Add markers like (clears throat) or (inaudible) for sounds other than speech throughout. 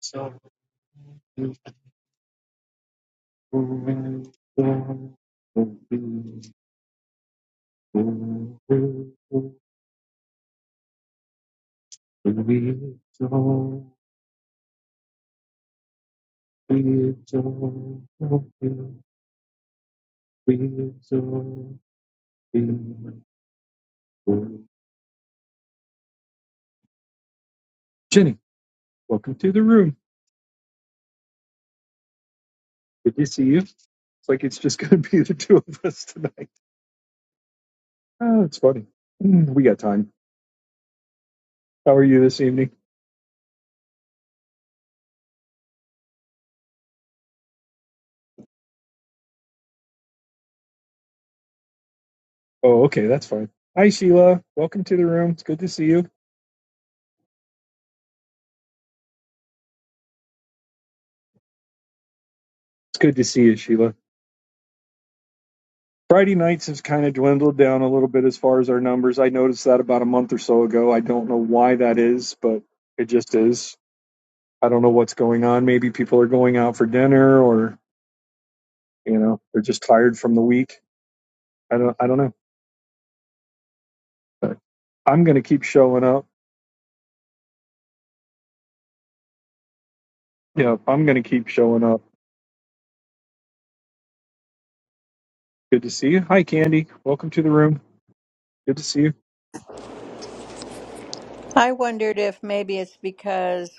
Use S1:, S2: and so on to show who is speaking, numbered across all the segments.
S1: Jenny, welcome to the room. Good to see you. It's like it's just going to be the two of us tonight. Oh, it's funny. Mm, We got time. How are you this evening? Oh, okay, that's fine. Hi, Sheila. Welcome to the room. It's good to see you. It's good to see you, Sheila. Friday nights has kind of dwindled down a little bit as far as our numbers. I noticed that about a month or so ago. I don't know why that is, but it just is. I don't know what's going on. Maybe people are going out for dinner or, you know, they're just tired from the week. I don't I don't know. But I'm going to keep showing up. Yeah, I'm going to keep showing up. Good to see you. Hi Candy. Welcome to the room. Good to see you.
S2: I wondered if maybe it's because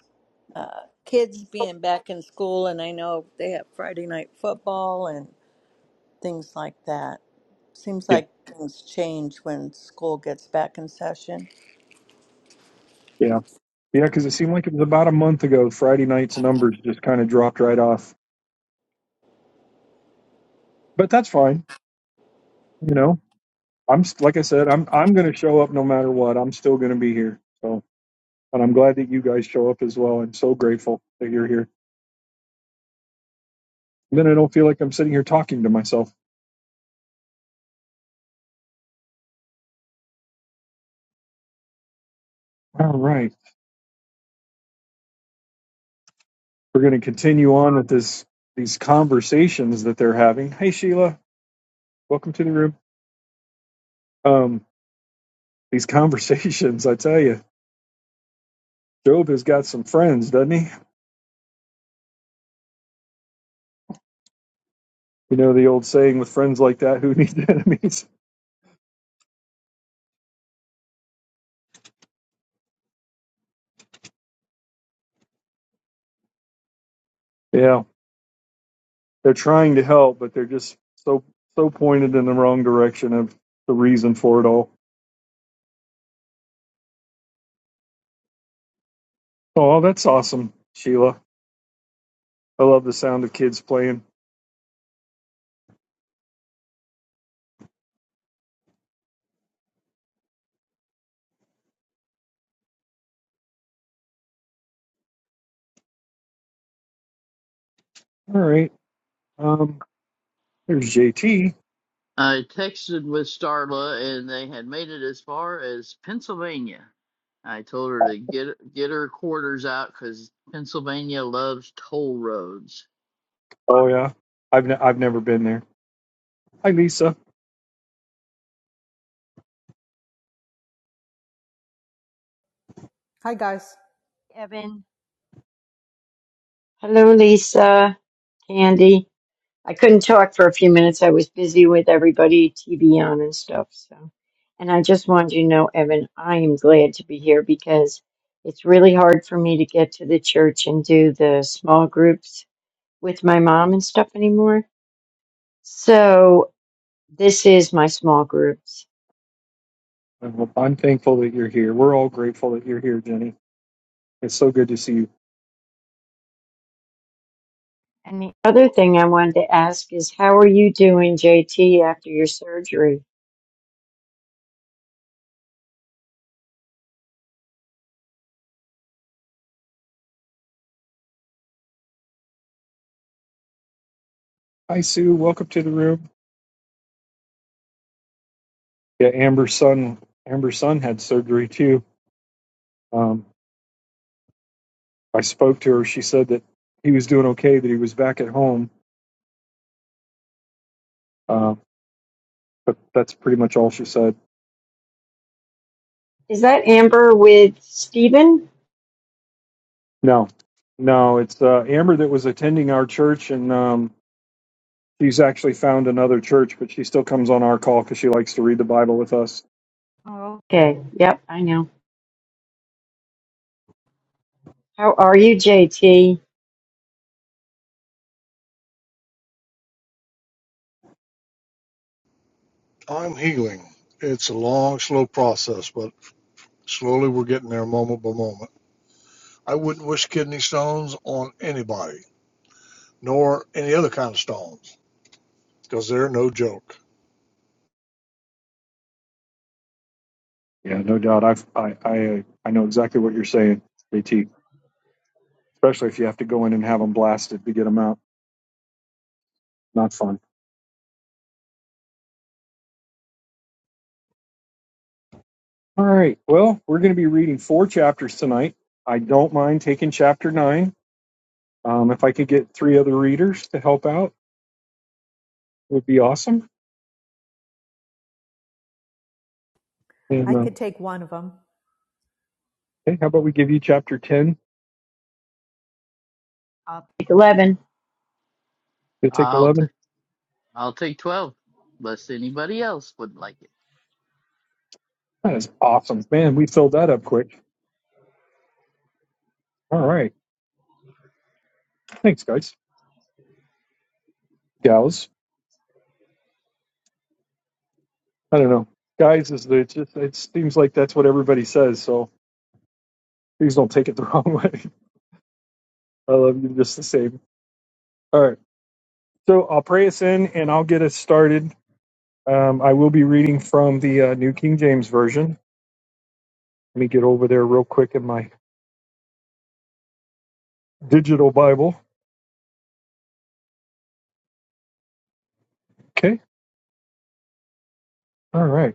S2: uh, kids being back in school, and I know they have Friday night football and things like that. Seems
S1: Yeah.
S2: like things change when school gets back in session.
S1: Yeah. Yeah, cuz it seemed like it was about a month ago Friday night's numbers just kind of dropped right off. But that's fine, you know. I'm st- like I said, I'm I'm going to show up no matter what. I'm still going to be here. So, and I'm glad that you guys show up as well. I'm so grateful that you're here. And then I don't feel like I'm sitting here talking to myself. All right, we're going to continue on with this these conversations that they're having. Hey Sheila, welcome to the room. Um, these (laughs) conversations, I tell you, Job has got some friends, doesn't he? You know the old saying, with friends like that, who needs (laughs) enemies? Yeah, they're trying to help, but they're just so so pointed in the wrong direction of the reason for it all. Oh, that's awesome, Sheila. I love the sound of kids playing. All right, um, there's JT.
S3: I texted with Starla, and they had made it as far as Pennsylvania. I told her to get get her quarters out because Pennsylvania loves toll roads.
S1: Oh yeah, I've ne- I've never been there. Hi, Lisa.
S4: Hi, guys.
S5: Evan. Hello, Lisa, Candy. I couldn't talk for a few minutes. I was busy with everybody, TV on and stuff. So, and I just wanted you to know, Evan, I am glad to be here because it's really hard for me to get to the church and do the small groups with my mom and stuff anymore. So, this is my small groups.
S1: Well, I'm thankful that you're here. We're all grateful that you're here, Jenny. It's so good to see you.
S5: And the other thing I wanted to ask is, how are you doing, JT, after your surgery?
S1: Hi, Sue. Welcome to the room. Yeah, Amber's son. Amber's son had surgery too. Um, I spoke to her. She said that he was doing okay. That he was back at home. Uh, but that's pretty much all she said.
S5: Is that Amber with Steven?
S1: No, no, it's uh, Amber that was attending our church, and um, she's actually found another church, but she still comes on our call because she likes to read the Bible with us.
S5: Oh, okay. Yep, I know. How are you, JT?
S6: I'm healing. It's a long, slow process, but slowly we're getting there moment by moment. I wouldn't wish kidney stones on anybody, nor any other kind of stones, because they're no joke.
S1: Yeah, no doubt. I've, I, I, uh, I know exactly what you're saying, JT. Especially if you have to go in and have them blasted to get them out. Not fun. All right. Well, we're going to be reading four chapters tonight. I don't mind taking chapter nine. Um, if I could get three other readers to help out, it would be awesome. And
S4: I
S1: uh,
S4: could take one of them.
S1: hey, how about we give you chapter ten
S5: Uh, Like 11,
S1: Did it take
S3: I'll t-
S1: 11?
S3: I'll take twelve, unless anybody else would like it.
S1: That is awesome. Man, we filled that up quick. All right. Thanks, guys. Gals. I don't know. Guys is the, it just, it seems like that's what everybody says. So please don't take it the wrong way. (laughs) I love you just the same. All right. So I'll pray us in and I'll get us started. Um, I will be reading from the uh, New King James Version. Let me get over there real quick in my digital Bible. Okay. All right.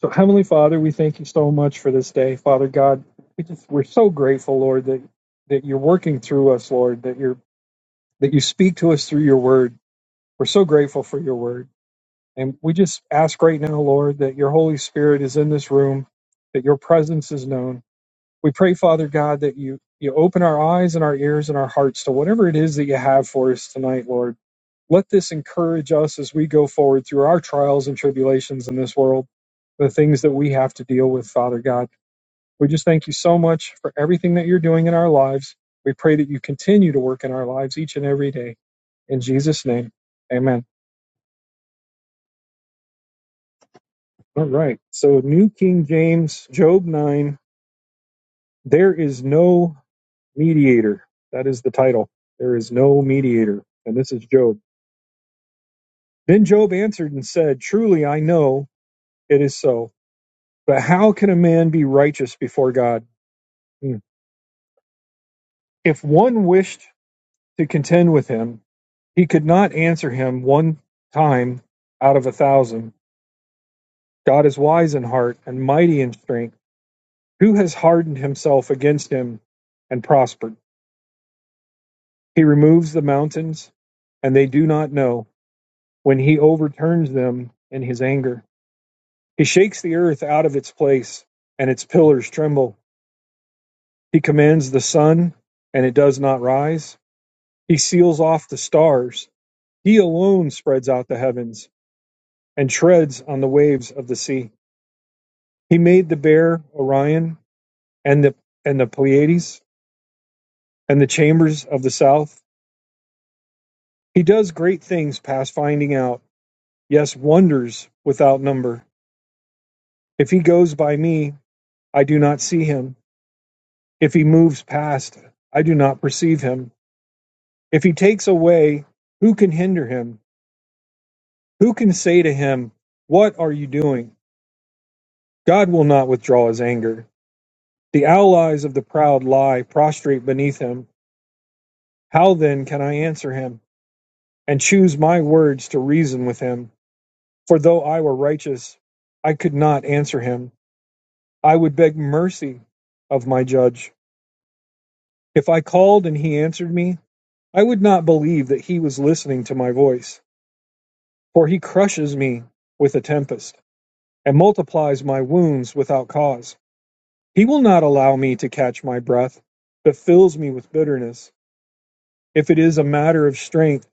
S1: So, Heavenly Father, we thank you so much for this day, Father God. We just we're so grateful, Lord, that that you're working through us, Lord, that you're that you speak to us through your word. We're so grateful for your word. And we just ask right now, Lord, that your Holy Spirit is in this room, that your presence is known. We pray, Father God, that you you open our eyes and our ears and our hearts to whatever it is that you have for us tonight, Lord. Let this encourage us as we go forward through our trials and tribulations in this world, the things that we have to deal with, Father God. We just thank you so much for everything that you're doing in our lives. We pray that you continue to work in our lives each and every day. In Jesus' name, amen. All right. So, New King James, Job 9. There is no mediator. That is the title. There is no mediator. And this is Job. Then Job answered and said, Truly I know it is so. But how can a man be righteous before God? Hmm. If one wished to contend with him, he could not answer him one time out of a thousand. God is wise in heart and mighty in strength. Who has hardened himself against him and prospered? He removes the mountains, and they do not know when he overturns them in his anger. He shakes the earth out of its place, and its pillars tremble. He commands the sun, and it does not rise. He seals off the stars. He alone spreads out the heavens and treads on the waves of the sea. He made the bear Orion and the and the Pleiades and the chambers of the south. He does great things past finding out. Yes, wonders without number. If he goes by me, I do not see him. If he moves past, I do not perceive him. If he takes away, who can hinder him? Who can say to him, What are you doing? God will not withdraw his anger. The allies of the proud lie prostrate beneath him. How then can I answer him and choose my words to reason with him? For though I were righteous, I could not answer him. I would beg mercy of my judge. If I called and he answered me, I would not believe that he was listening to my voice, for he crushes me with a tempest. and multiplies my wounds without cause. He will not allow me to catch my breath, but fills me with bitterness. If it is a matter of strength,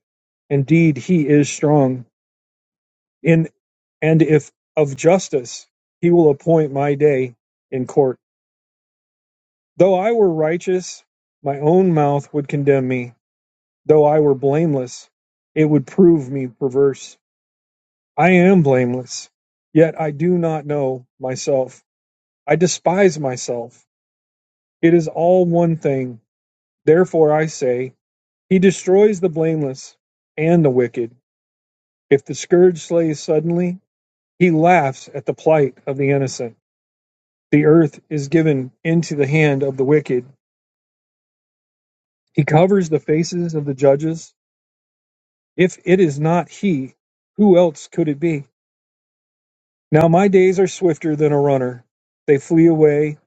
S1: indeed he is strong. In and if of justice, he will appoint my day in court. Though I were righteous, my own mouth would condemn me. Though I were blameless, it would prove me perverse. I am blameless, yet I do not know myself. I despise myself It is all one thing. Therefore I say, He destroys the blameless and the wicked. If the scourge slays suddenly, He laughs at the plight of the innocent. The earth is given into the hand of the wicked. He covers the faces of the judges. If it is not He, who else could it be? Now my days are swifter than a runner. They flee away.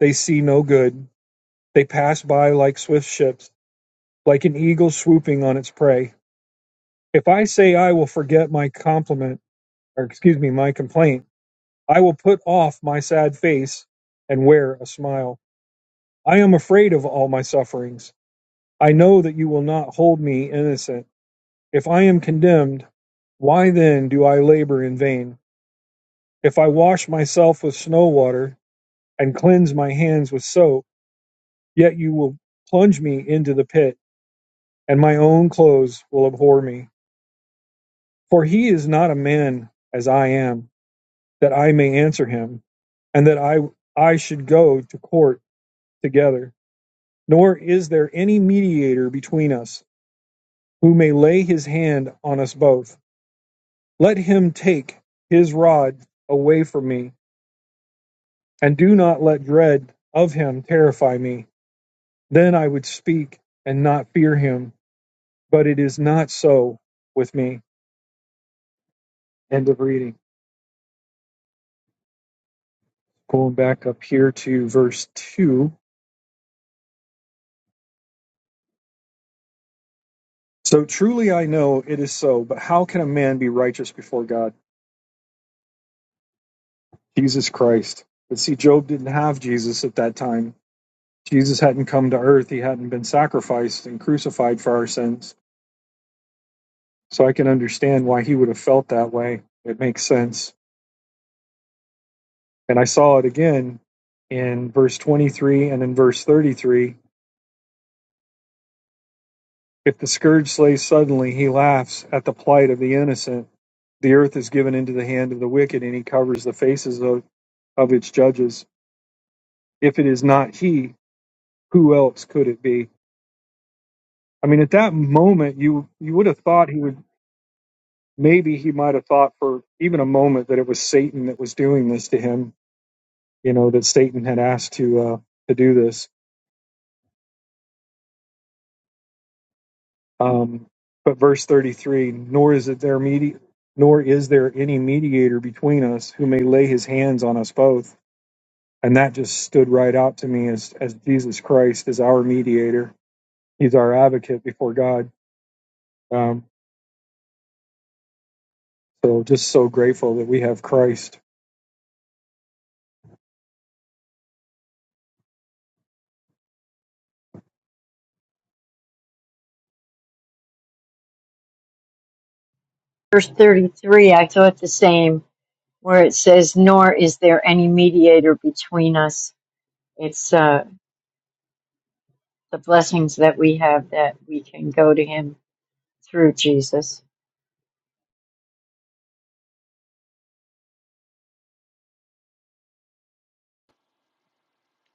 S1: They see no good. They pass by like swift ships, like an eagle swooping on its prey. If I say I will forget my compliment, or excuse me, my complaint, I will put off my sad face and wear a smile. I am afraid of all my sufferings. I know that you will not hold me innocent. If I am condemned, why then do I labor in vain? If I wash myself with snow water and cleanse my hands with soap, yet you will plunge me into the pit, and my own clothes will abhor me. For he is not a man as I am that I may answer him, and that I I should go to court together. Nor is there any mediator between us who may lay his hand on us both. Let him take his rod away from me, and do not let dread of him terrify me. Then I would speak and not fear him, but it is not so with me. End of reading. Going back up here to verse 2. So truly I know it is so, but how can a man be righteous before God? Jesus Christ. But see, Job didn't have Jesus at that time. Jesus hadn't come to earth, he hadn't been sacrificed and crucified for our sins. So I can understand why he would have felt that way. It makes sense. And I saw it again in verse 23 and in verse 33. If the scourge slays suddenly, he laughs at the plight of the innocent. The earth is given into the hand of the wicked, and he covers the faces of, of its judges. If it is not he, who else could it be? I mean, at that moment, you you would have thought he would maybe he might have thought for even a moment that it was Satan that was doing this to him. You know that Satan had asked to uh, to do this. Um, but verse thirty three, nor is it there medi- nor is there any mediator between us who may lay his hands on us both. And that just stood right out to me as as Jesus Christ is our mediator. He's our advocate before God. Um, so just so grateful that we have Christ
S5: verse 33, I thought the same, where it says, Nor is there any mediator between us. It's uh, the blessings that we have that we can go to him through Jesus.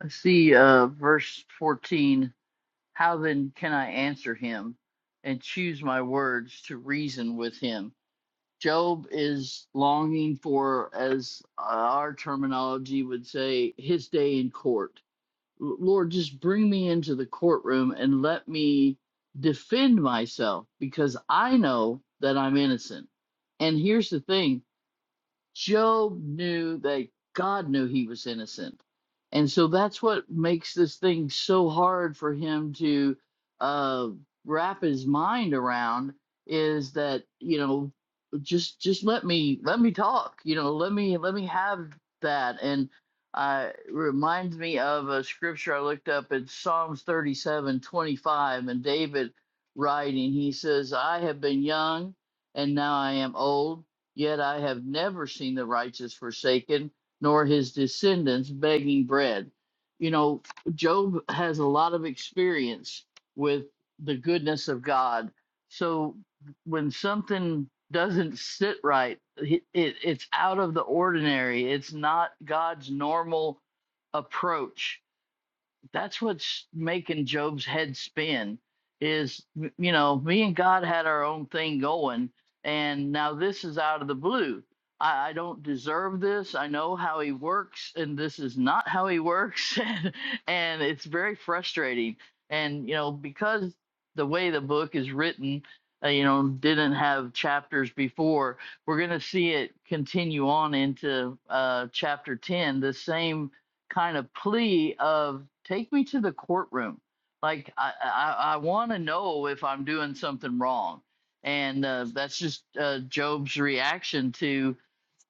S3: I see uh, verse fourteen. How then can I answer him, and choose my words to reason with him? Job is longing for, as our terminology would say, his day in court Lord, just bring me into the courtroom and let me defend myself because I know that I'm innocent. And here's the thing Job knew that God knew he was innocent. And so that's what makes this thing so hard for him to uh, wrap his mind around is that, you know, just just let me let me talk, you know, let me let me have that. And uh, it reminds me of a scripture I looked up in Psalms 37 25, and David writing, he says, I have been young and now I am old Yet I have never seen the righteous forsaken, nor his descendants begging bread. You know, Job has a lot of experience with the goodness of God. So when something doesn't sit right, it, it, it's out of the ordinary. It's not God's normal approach that's what's making Job's head spin is you know me and God had our own thing going and now this is out of the blue I, I don't deserve this I know how he works and this is not how he works (laughs) and, and it's very frustrating and you know because the way the book is written uh, you know didn't have chapters before we're going to see it continue on into uh, chapter 10 the same kind of plea of take me to the courtroom. Like I I, I want to know if I'm doing something wrong, and uh, that's just uh, Job's reaction to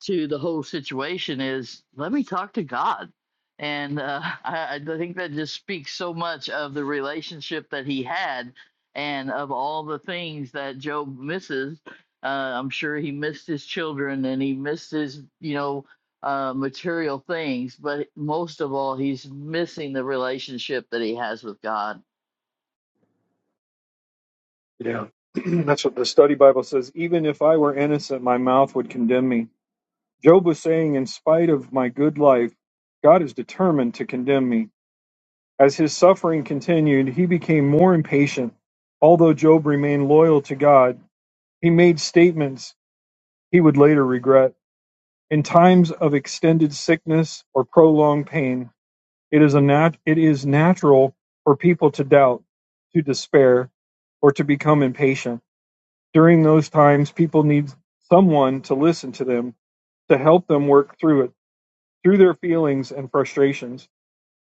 S3: to the whole situation is let me talk to God. And uh, (laughs) I, I think that just speaks so much of the relationship that he had and of all the things that Job misses. Uh, I'm sure he missed his children and he missed his, you know, uh, material things, but most of all, he's missing the relationship that he has with God.
S1: Yeah. (clears throat) That's what the study Bible says. Even if I were innocent, my mouth would condemn me. Job was saying, in spite of my good life, God is determined to condemn me. As his suffering continued, he became more impatient. Although Job remained loyal to God, he made statements he would later regret. In times of extended sickness or prolonged pain, it is a nat- it is natural for people to doubt, to despair, or to become impatient. During those times, people need someone to listen to them, to help them work through it, through their feelings and frustrations.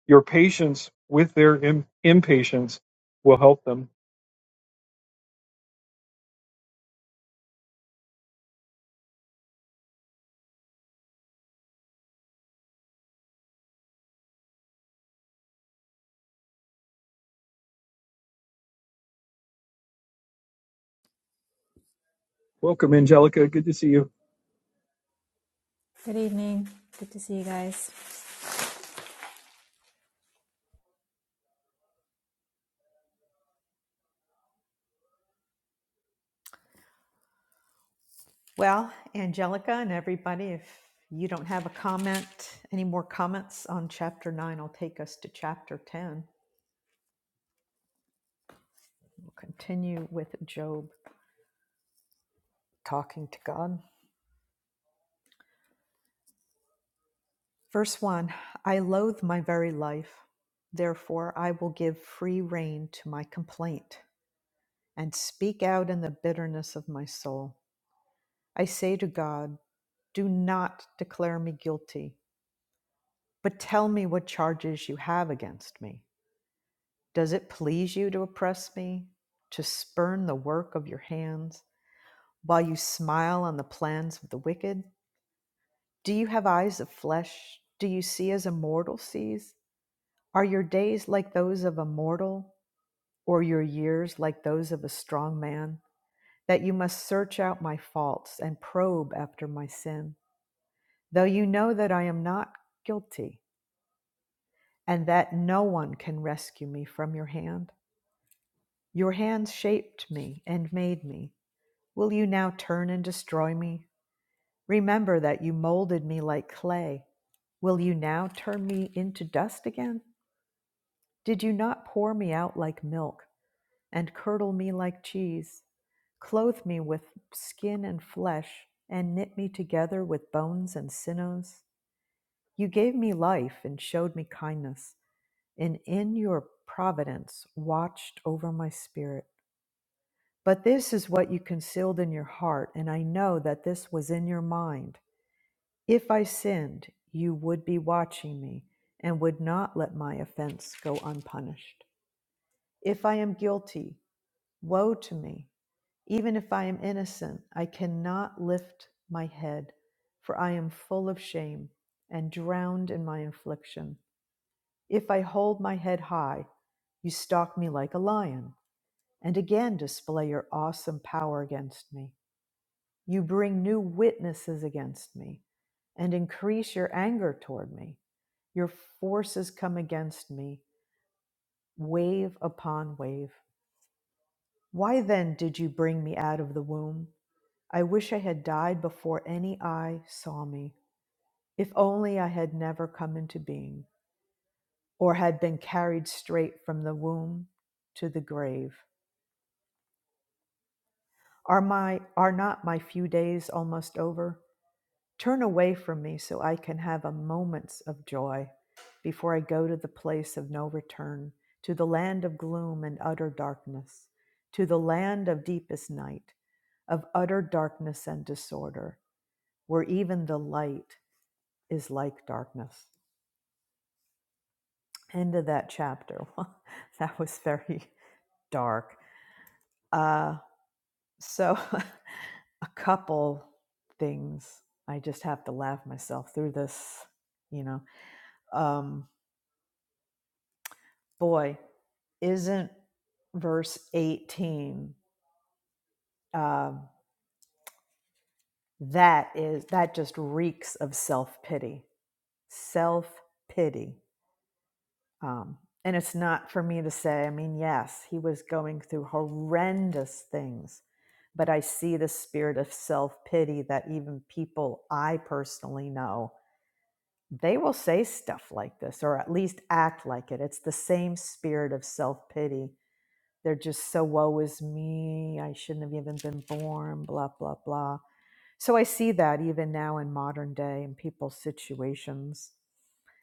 S1: Your patience with their Im- impatience will help them. Welcome, Angelica. Good to see you.
S7: Good evening. Good to see you guys.
S4: Well, Angelica and everybody, if you don't have a comment, any more comments on chapter 9, I'll take us to chapter 10. We'll continue with Job talking to God. Verse 1 I loathe my very life. Therefore, I will give free rein to my complaint. and speak out in the bitterness of my soul. I say to God, Do not declare me guilty, but tell me what charges you have against me. Does it please you to oppress me, to spurn the work of your hands, while you smile on the plans of the wicked? Do you have eyes of flesh? Do you see as a mortal sees? Are your days like those of a mortal, or your years like those of a strong man? that you must search out my faults and probe after my sin, though you know that I am not guilty and that no one can rescue me from your hand. Your hands shaped me and made me. Will you now turn and destroy me? Remember that you molded me like clay. Will you now turn me into dust again? Did you not pour me out like milk? and curdle me like cheese. Clothe me with skin and flesh, and knit me together with bones and sinews. You gave me life and showed me kindness, and in your providence watched over my spirit. But this is what you concealed in your heart, and I know that this was in your mind. If I sinned, you would be watching me and would not let my offense go unpunished. If I am guilty, Woe to me! Even if I am innocent, I cannot lift my head, for I am full of shame and drowned in my affliction. If I hold my head high, you stalk me like a lion, and again display your awesome power against me. You bring new witnesses against me, and increase your anger toward me. Your forces come against me, wave upon wave. Why then did you bring me out of the womb? I wish I had died before any eye saw me. If only I had never come into being, or had been carried straight from the womb to the grave. Are my are not my few days almost over? Turn away from me so I can have a moment's of joy before I go to the place of no return, to the land of gloom and utter darkness, to the land of deepest night, of utter darkness and disorder, where even the light is like darkness. End of that chapter. (laughs) that was very dark. Uh, so, (laughs) a couple things. I just have to laugh myself through this, you know. Um, boy, isn't verse 18 um, that is that just reeks of self-pity self-pity Um, and it's not for me to say, I mean, yes, he was going through horrendous things, but I see the spirit of self pity that even people I personally know, they will say stuff like this or at least act like it. It's the same spirit of self pity. They're just so woe is me. I shouldn't have even been born, blah, blah, blah. So I see that even now in modern day in people's situations.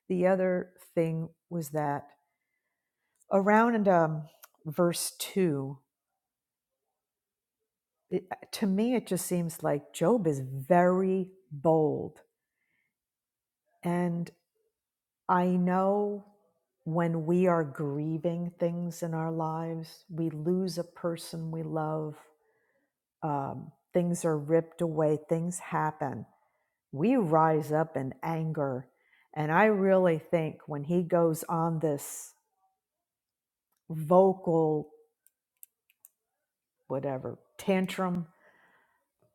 S4: The other thing was that around um, verse 2 it, to me it just seems like job is very bold and i know when we are grieving things in our lives we lose a person we love um, things are ripped away things happen we rise up in anger and i really think when he goes on this vocal whatever tantrum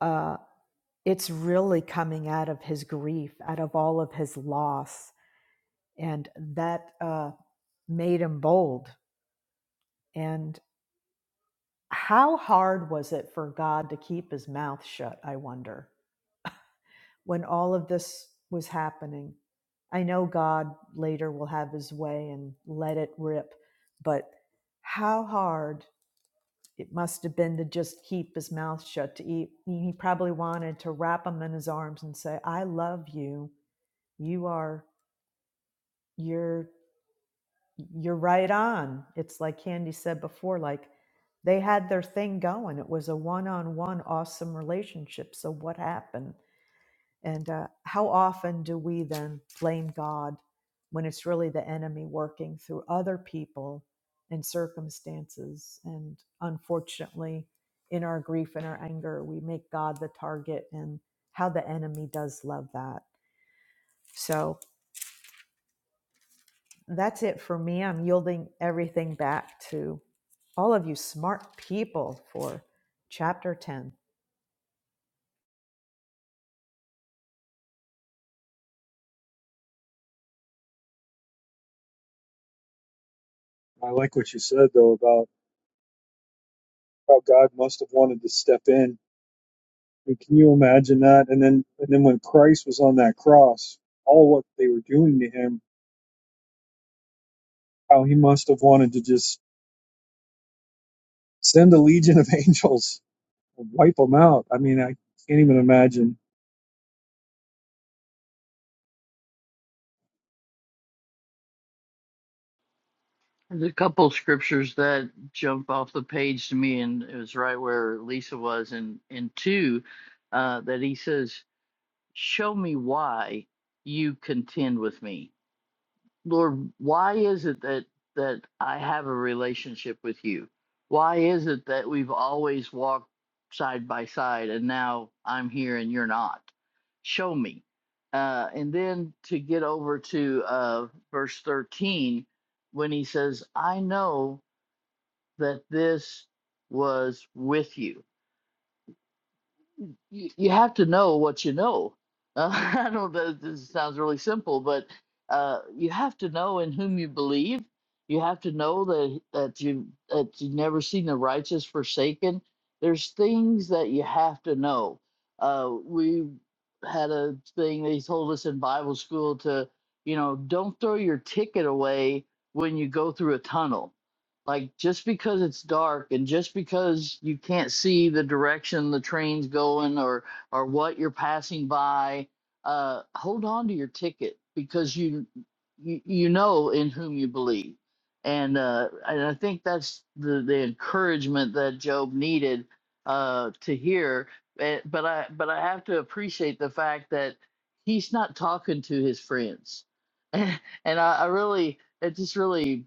S4: uh, it's really coming out of his grief, out of all of his loss. And that uh, made him bold. And how hard was it for God to keep his mouth shut, I wonder, when all of this was happening? I know God later will have his way and let it rip, but how hard it must have been to just keep his mouth shut to eat. He probably wanted to wrap him in his arms and say, I love you. You are you're you're right on it's like candy said before like they had their thing going it was a one-on-one awesome relationship so what happened and uh, how often do we then blame god when it's really the enemy working through other people and circumstances and unfortunately in our grief and our anger we make god the target and how the enemy does love that so that's it for me. I'm yielding everything back to all of you smart people for chapter 10.
S1: I like what you said though about how God must have wanted to step in. I mean, can you imagine that? And then and then when Christ was on that cross, all what they were doing to him, how he must have wanted to just send a legion of (laughs) angels and wipe them out. I mean, I can't even imagine.
S3: There's a couple scriptures that jump off the page to me, and it was right where Lisa was in in two, uh, that he says, "Show me why you contend with me, Lord. Why is it that that I have a relationship with you? Why is it that we've always walked side by side, and now I'm here and you're not? Show me." Uh, and then to get over to uh, verse thirteen, when he says, "I know." that this was with you. You, you have to know what you know. Uh, (laughs) I know that this sounds really simple, but uh, you have to know in whom you believe. You have to know that that you that you've never seen the righteous forsaken. There's things that you have to know. Uh, we had a thing they told us in Bible school to, you know, don't throw your ticket away when you go through a tunnel like just because it's dark and just because you can't see the direction the train's going or or what you're passing by, uh, hold on to your ticket because you you, you know in whom you believe. And uh, and I think that's the, the encouragement that Job needed uh, to hear. Eh, But I but I have to appreciate the fact that he's not talking to his friends. (laughs) and I, I really it just really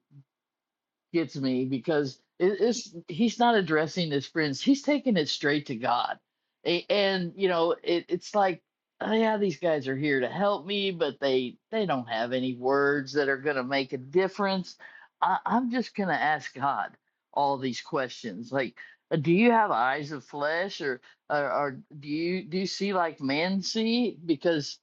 S3: gets me because it- it's he's not addressing his friends he's taking it straight to god A- and you know it, it's like oh yeah these guys are here to help me but they they don't have any words that are going to make a difference I, i'm just going to ask god all these questions like uh, do you have eyes of flesh or, or or do you do you see like men see because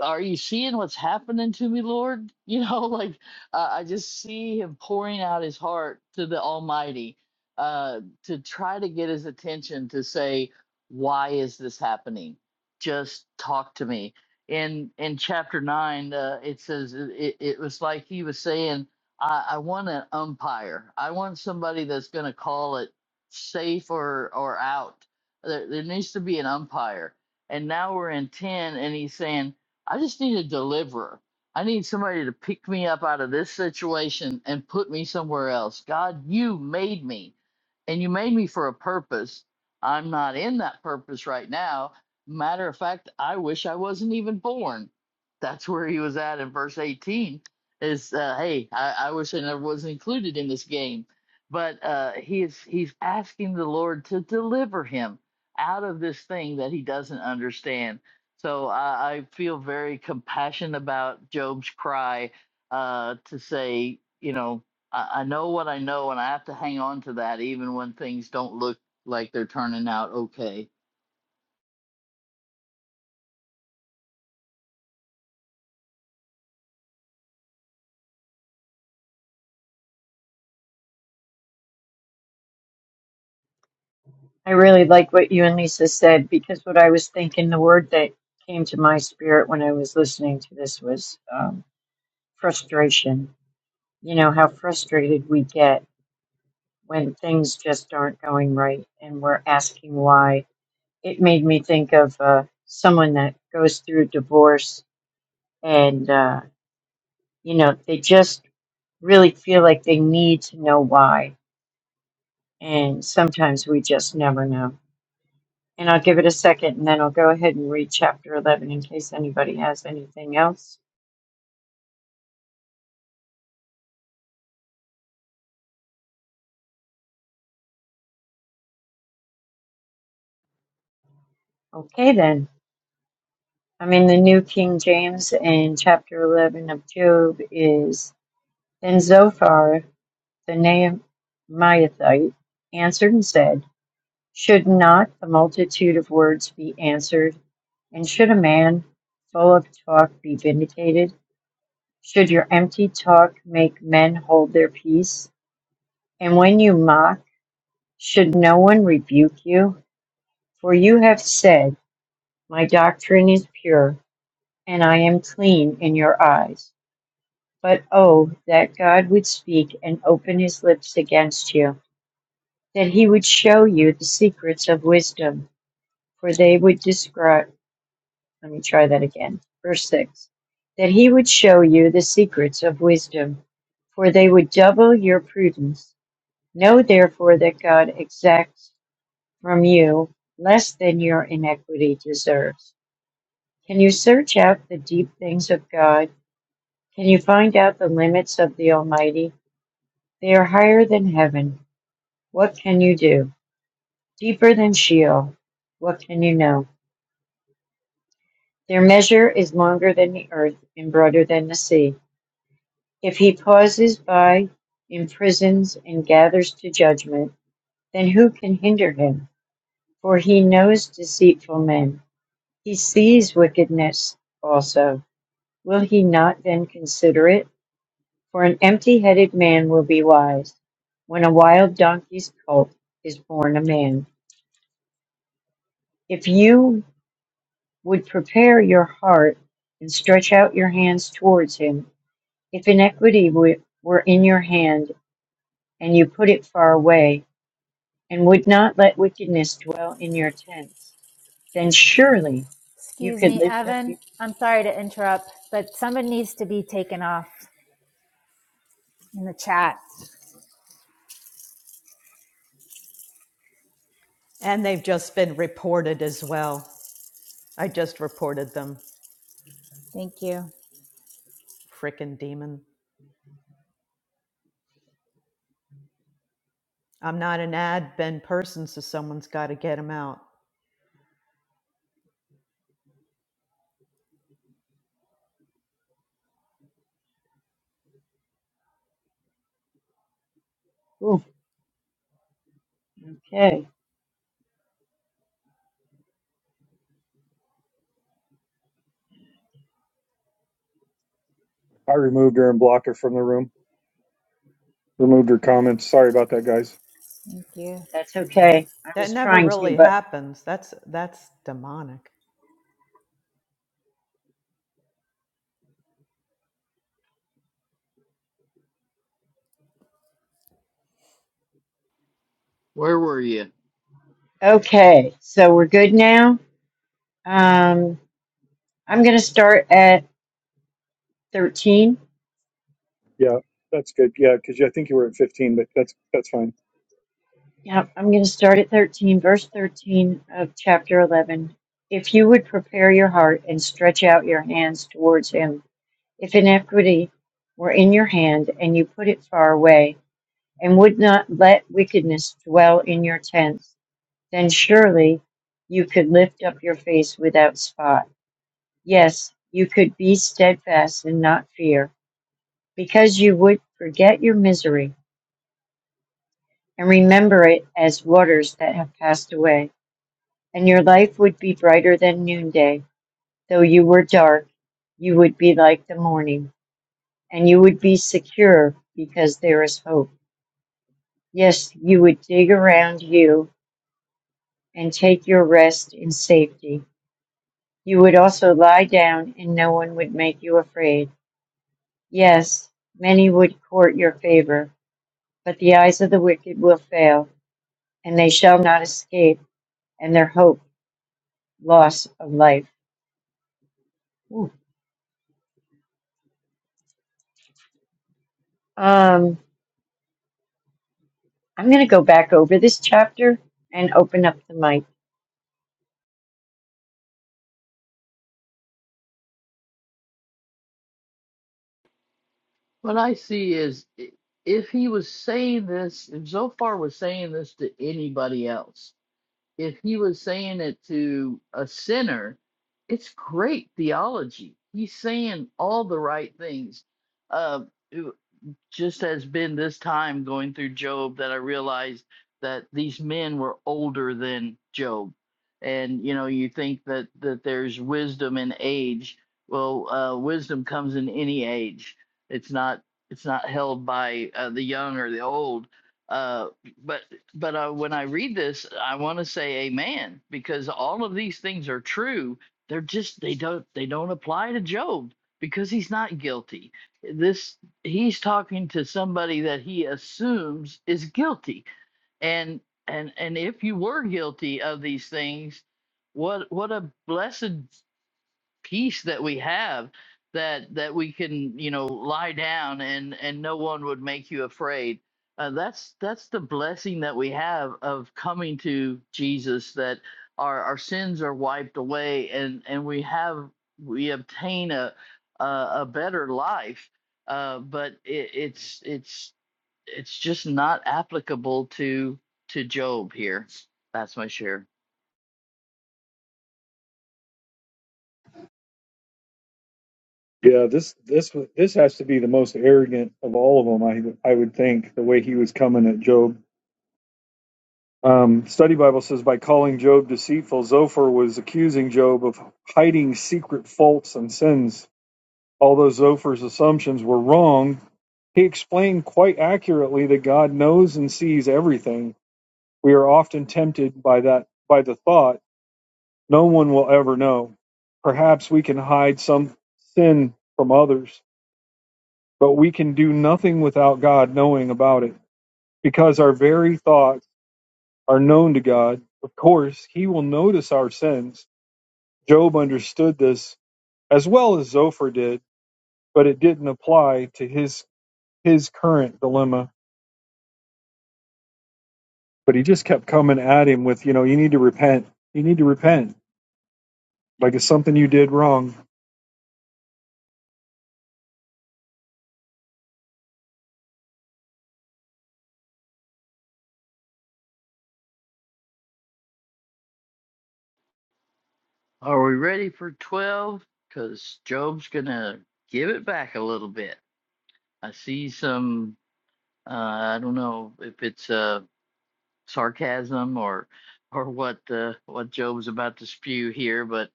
S3: are you seeing what's happening to me, Lord? You know, (laughs) like uh, I just see him pouring out his heart to the Almighty uh, to try to get his attention to say, why is this happening? Just talk to me. In in chapter nine, uh, it says it, it it was like he was saying, I, I want an umpire. I want somebody that's going to call it safe or or out. There, there needs to be an umpire. And now we're in ten, and he's saying I just need a deliverer. I need somebody to pick me up out of this situation and put me somewhere else. God, you made me and you made me for a purpose. I'm not in that purpose right now. Matter of fact, I wish I wasn't even born. That's where he was at in verse 18 is, uh, hey, I, I wish I never was included in this game. But uh, he is, he's asking the Lord to deliver him out of this thing that he doesn't understand so I, I feel very compassionate about Job's cry uh, to say, you know, I, I know what I know, and I have to hang on to that even when things don't look like they're turning out okay.
S5: I really like what you and Lisa said because what I was thinking, the word that came to my spirit when I was listening to this was um, frustration. You know, how frustrated we get when things just aren't going right and we're asking why. It made me think of uh, someone that goes through divorce and, uh, you know, they just really feel like they need to know why. And sometimes we just never know. And I'll give it a second and then I'll go ahead and read chapter 11 in case anybody has anything else. Okay, then. I'm in the New King James, and chapter 11 of Job is Then Zophar The Naamathite answered and said, Should not the multitude of words be answered? And should a man full of talk be vindicated? Should your empty talk make men hold their peace? And when you mock, should no one rebuke you? For you have said, My doctrine is pure, and I am clean in your eyes. But oh, that God would speak and open his lips against you! that he would show you the secrets of wisdom, for they would describe. Let me try that again. Verse 6 That he would show you the secrets of wisdom, for they would double your prudence. Know therefore that God exacts from you less than your inequity deserves. Can you search out the deep things of God? Can you find out the limits of the Almighty? They are higher than heaven. What can you do? Deeper than Sheol. What can you know? Their measure is longer than the earth and broader than the sea. If he pauses by, imprisons, and gathers to judgment, then who can hinder him? For he knows deceitful men. He sees wickedness also. Will he not then consider it? For an empty headed man will be wise. When a wild donkey's colt is born a man. If you would prepare your heart and stretch out your hands towards him, If iniquity were in your hand, and you put it far away, and would not let wickedness dwell in your tents, then surely you
S7: Excuse
S5: could
S7: me,
S5: lift up
S7: Evan.
S5: your.
S7: I'm sorry to interrupt, but someone needs to be taken off in the chat.
S4: And they've just been reported as well. I just reported them.
S7: Thank you.
S4: Frickin' demon. I'm not an ad Ben person, so someone's got to get him out.
S5: Ooh, okay,
S1: I removed her and blocked her from the room. Removed her comments. Sorry about that, guys.
S7: Thank you.
S5: that's okay. I
S4: That
S5: was
S4: never
S5: trying to,
S4: really
S5: but
S4: happens. That's that's demonic.
S3: Where were you?
S5: okay. So we're good now. Um, I'm going to start at 13.
S1: Yeah, that's good. Yeah, because I think you were at 15, but that's that's fine.
S5: Yeah, I'm going to start at 13, verse 13 of chapter 11. If you would prepare your heart and stretch out your hands towards him If iniquity were in your hand, and you put it far away, and would not let wickedness dwell in your tents, then surely you could lift up your face without spot. Yes, you could be steadfast and not fear, because you would forget your misery and remember it as waters that have passed away. And your life would be brighter than noonday. Though you were dark, you would be like the morning, and you would be secure because there is hope. Yes, you would dig around you and take your rest in safety. You would also lie down and no one would make you afraid. Yes, many would court your favor, but the eyes of the wicked will fail, and they shall not escape, and their hope loss of life. Ooh. Um, I'm going to go back over this chapter and open up the mic.
S3: What I see is i- if he was saying this, if Zophar was saying this to anybody else, if he was saying it to a sinner, it's great theology. He's saying all the right things. Uh, just has been this time going through Job that I realized that these men were older than Job. And you know, you think that that there's wisdom in age. Well, uh, wisdom comes in any age. It's not it's not held by uh, the young or the old. Uh, but but uh, when I read this, I want to say Amen because all of these things are true. They're just they don't they don't apply to Job because he's not guilty this he's talking to somebody that he assumes is guilty and and and if you were guilty of these things what what a blessed peace that we have that that we can you know lie down and and no one would make you afraid uh, that's that's the blessing that we have of coming to jesus that our our sins are wiped away and and we have we obtain a a, a better life uh but it, it's it's it's just not applicable to to job here that's my share
S1: Yeah, this this was- this has to be the most arrogant of all of them. I I would think the way he was coming at Job. Um, Study Bible says by calling Job deceitful, Zophar was accusing Job of hiding secret faults and sins. Although Zophar's assumptions were wrong, he explained quite accurately that God knows and sees everything We are often tempted by that by the thought, no one will ever know. Perhaps we can hide some sin from others, but we can do nothing without God knowing about it. Because our very thoughts are known to God, of course, he will notice our sins. Job understood this as well as Zophar did, but it didn't apply to his his current dilemma. But he just kept coming at him with, you know, you need to repent. You need to repent. Like it's something you did wrong
S3: Are we ready for 12? Because Job's going to give it back a little bit. I see some, uh, I don't know if it's uh, sarcasm or or what uh, what Job's about to spew here, but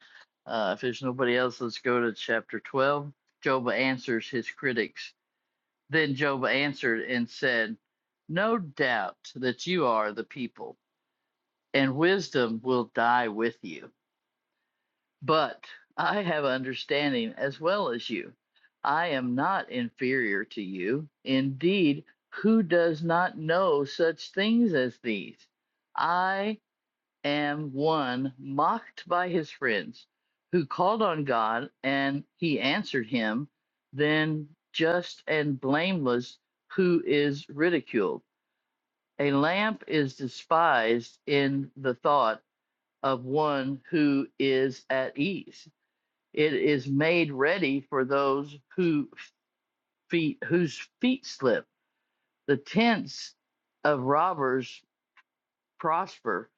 S3: uh, if there's nobody else, let's go to chapter 12. Job answers his critics. Then Job answered and said, No doubt that you are the people, and wisdom will die with you. But I have understanding as well as you. I am not inferior to you. Indeed, who does not know such things as these? I am one mocked by his friends, who called on God, and he answered him, then just and blameless, who is ridiculed. A lamp is despised in the thought of one who is at ease it is made ready for those who feet whose feet slip the tents of robbers prosper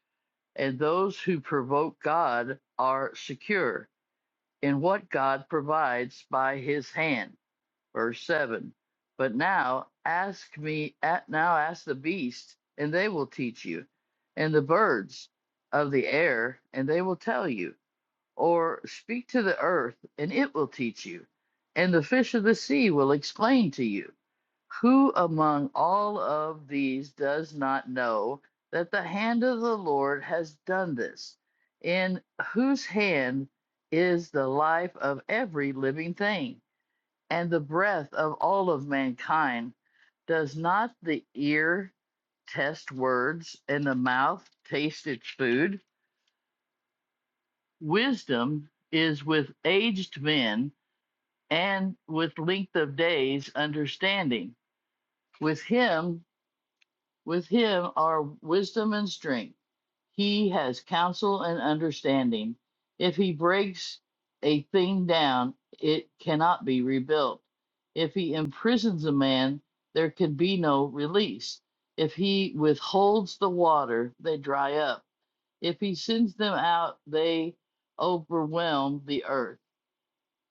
S3: and those who provoke god are secure in what god provides by his hand verse 7 but now ask me at now ask the beast and they will teach you and the birds of the air and they will tell you Or speak to the earth, and it will teach you, and the fish of the sea will explain to you. Who among all of these does not know that the hand of the Lord has done this? In whose hand is the life of every living thing, and the breath of all of mankind? Does not the ear test words, and the mouth taste its food? Wisdom is with aged men and with length of days understanding. With him, with him are wisdom and strength. He has counsel and understanding. If he breaks a thing down, it cannot be rebuilt. If he imprisons a man, there can be no release. If he withholds the water, they dry up. If he sends them out, they overwhelm the earth.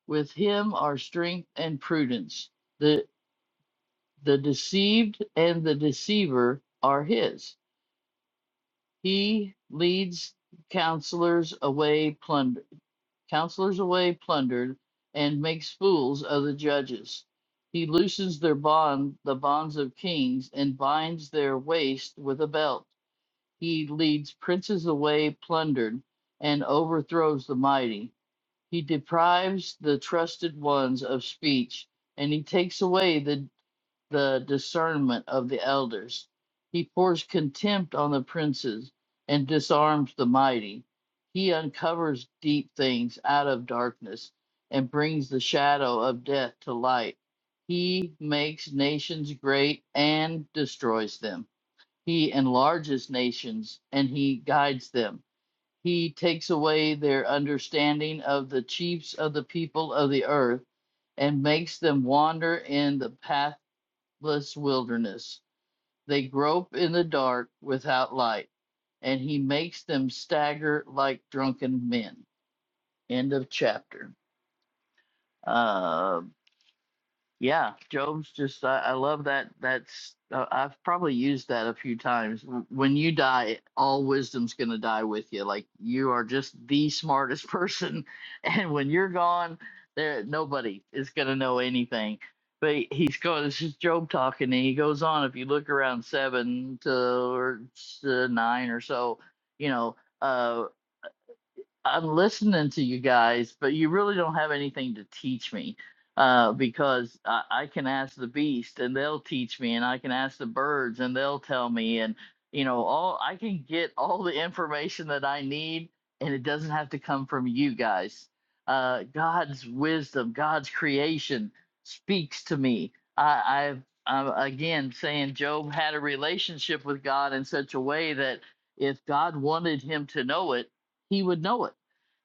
S3: With him are strength and prudence. The the deceived and the deceiver are his. He leads counselors away plundered, counselors away plundered, and makes fools of the judges. He loosens their bond, the bonds of kings, and binds their waist with a belt. He leads princes away plundered, and overthrows the mighty. He deprives the trusted ones of speech, and he takes away the, the discernment of the elders. He pours contempt on the princes and disarms the mighty. He uncovers deep things out of darkness and brings the shadow of death to light. He makes nations great and destroys them. He enlarges nations and he guides them. He takes away their understanding of the chiefs of the people of the earth and makes them wander in the pathless wilderness. They grope in the dark without light, and he makes them stagger like drunken men. End of chapter. Uh, Yeah, Job's just I, I love that. That's uh, I've probably used that a few times. W- When you die, all wisdom's gonna die with you. Like you are just the smartest person, (laughs) and when you're gone, there nobody is gonna know anything. But he- he's going. This is Job talking, and he goes on. If you look around seven to or s- to nine or so, you know. uh, I'm listening to you guys, but you really don't have anything to teach me uh, because I, I can ask the beast and they'll teach me, and I can ask the birds and they'll tell me, and you know, all I can get all the information that I need, and it doesn't have to come from you guys. Uh, God's wisdom, God's creation speaks to me. I, i I'm again saying Job had a relationship with God in such a way that if God wanted him to know it, he would know it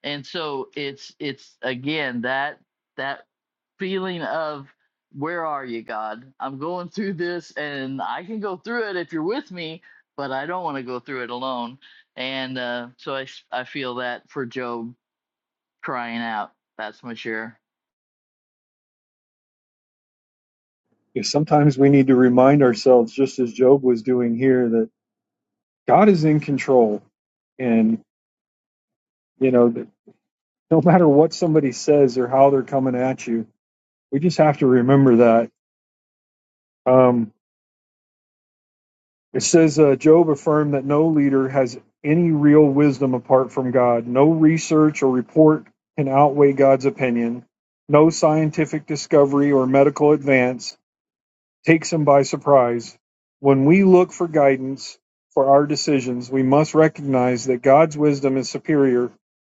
S3: and so it's it's again that that feeling of where are you god i'm going through this and i can go through it if you're with me but i don't want to go through it alone and uh, so I I feel that for job crying out that's my share
S1: Because sometimes we need to remind ourselves, just as Job was doing here, that God is in control. And, you know, that no (laughs) matter what somebody says or how they're coming at you, we just have to remember that. Um, it says uh, Job affirmed that no leader has any real wisdom apart from God. No research or report can outweigh God's opinion. No scientific discovery or medical advance takes him by surprise. When we look for guidance for our decisions, we must recognize that God's wisdom is superior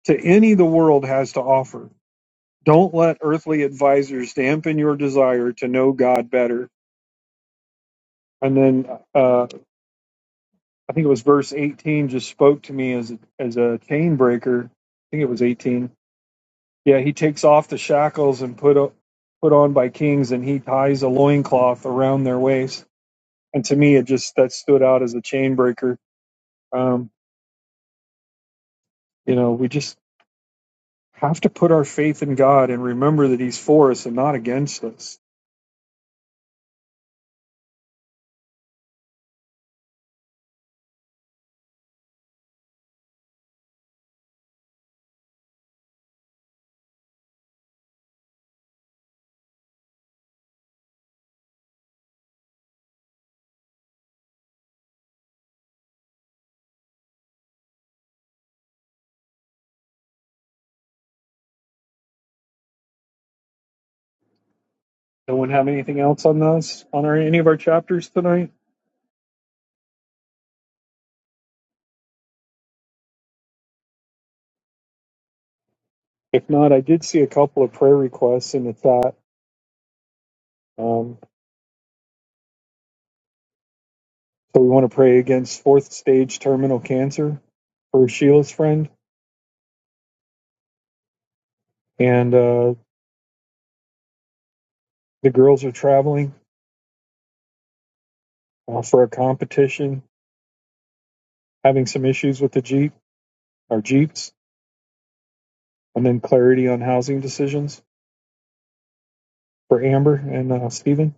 S1: to any the world has to offer. Don't let earthly advisors dampen your desire to know God better. And then uh, I think it was verse 18 just spoke to me as a, as a chain breaker. I think it was 18. Yeah, he takes off the shackles and put up put on by kings, and he ties a loincloth around their waist. And to me, it just that stood out as a chain breaker Um, you know, we just have to put our faith in God and remember that He's for us and not against us. No one have anything else on us on our, any of our chapters tonight? If not, I did see a couple of prayer requests, and it's that. Um, so we want to pray against fourth stage terminal cancer for Sheila's friend, and uh, the girls are traveling uh, for a competition, having some issues with the jeep, our jeeps, and then clarity on housing decisions for Amber and uh, Stephen.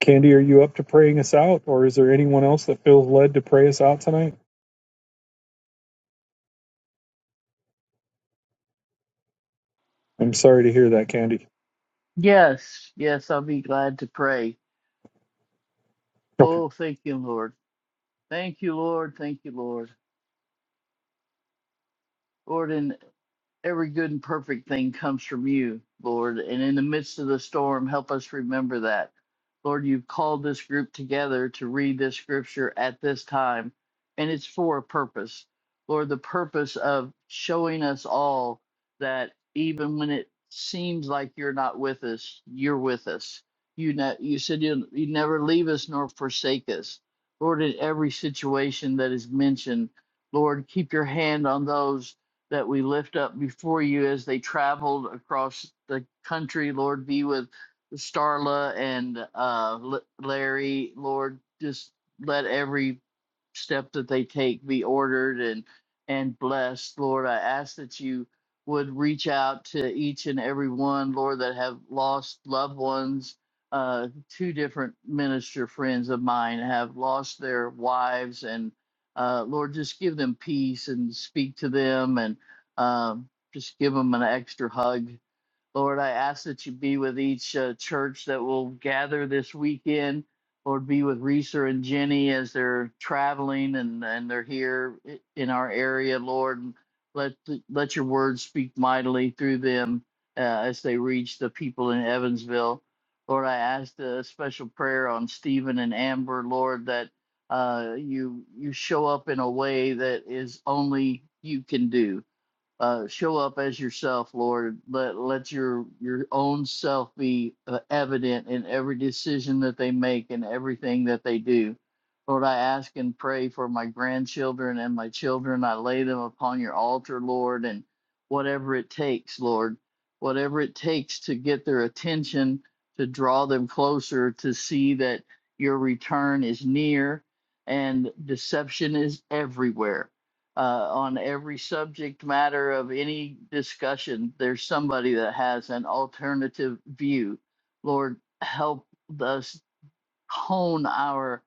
S1: Candy, are you up to praying us out, or is there anyone else that feels led to pray us out tonight? I'm sorry to hear that, Candy.
S3: yes yes i'll be glad to pray
S1: Okay.
S3: oh thank you lord thank you lord thank you lord lord in Every good and perfect thing comes from you, Lord. And in the midst of the storm, help us remember that. Lord, you've called this group together to read this scripture at this time, and it's for a purpose. Lord, the purpose of showing us all that even when it seems like you're not with us, you're with us. You, ne- you said you, you never leave us nor forsake us. Lord, in every situation that is mentioned, Lord, keep your hand on those that we lift up before you as they traveled across the country. Lord, be with Starla and uh, L- Larry. Lord, just let every step that they take be ordered and and blessed lord i ask that you would reach out to each and every one lord that have lost loved ones uh two different minister friends of mine have lost their wives and uh lord just give them peace and speak to them and um just give them an extra hug Lord, I ask that you be with each uh, church that will gather this weekend. Lord, be with Reesa and Jenny as they're traveling and, and they're here in our area. Lord, let let your word speak mightily through them uh, as they reach the people in Evansville. Lord, I ask a special prayer on Stephen and Amber. Lord, that uh, you you show up in a way that is only you can do uh, show up as yourself, Lord. Let let your your own self be uh, evident in every decision that they make and everything that they do. Lord, I ask and pray for my grandchildren and my children. I lay them upon your altar, Lord, and whatever it takes, Lord, whatever it takes to get their attention, to draw them closer, to see that your return is near and deception is everywhere uh, on every subject matter of any discussion, there's somebody that has an alternative view. Lord, help us hone our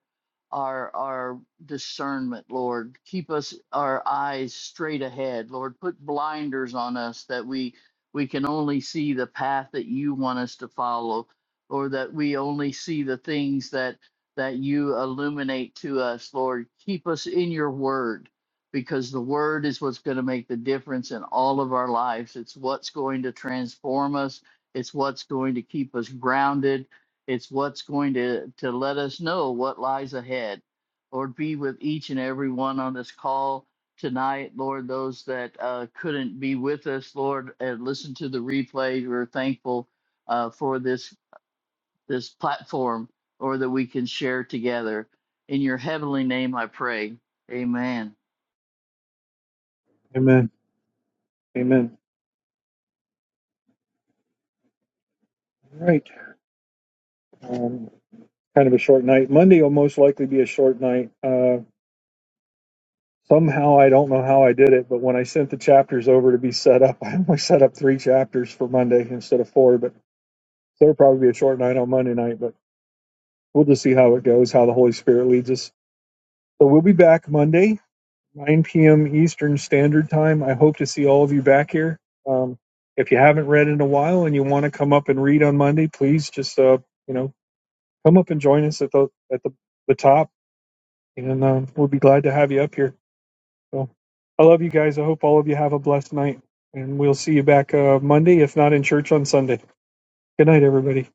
S3: our our discernment, Lord. Keep us our eyes straight ahead, Lord. Put blinders on us that we we can only see the path that you want us to follow, or that we only see the things that that you illuminate to us, Lord. Keep us in your word because the word is what's going to make the difference in all of our lives. It's what's going to transform us. It's what's going to keep us grounded it's what's going to, to let us know what lies ahead. Lord, be with each and every one on this call tonight. Lord, those that uh, couldn't be with us, Lord, and listen to the replay, we're thankful uh, for this, this platform or that we can share together. In your heavenly name, I pray. Amen.
S1: Amen. Amen. All right. Um, kind of a short night. Monday will most likely be a short night. Uh, somehow, I don't know how I did it, but when I sent the chapters over to be set up, (laughs) I only set up three chapters for Monday instead of four. But it will probably be a short night on Monday night, but we'll just see how it goes, how the Holy Spirit leads us. So we'll be back Monday. 9 p.m. Eastern Standard Time. I hope to see all of you back here. Um, if you haven't read in a while and you want to come up and read on Monday, please just uh, you know come up and join us at the at the, the top, and um, we'll be glad to have you up here. So I love you guys. I hope all of you have a blessed night, and we'll see you back uh, Monday, if not in church on Sunday. Good night, everybody.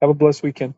S1: Have a blessed weekend.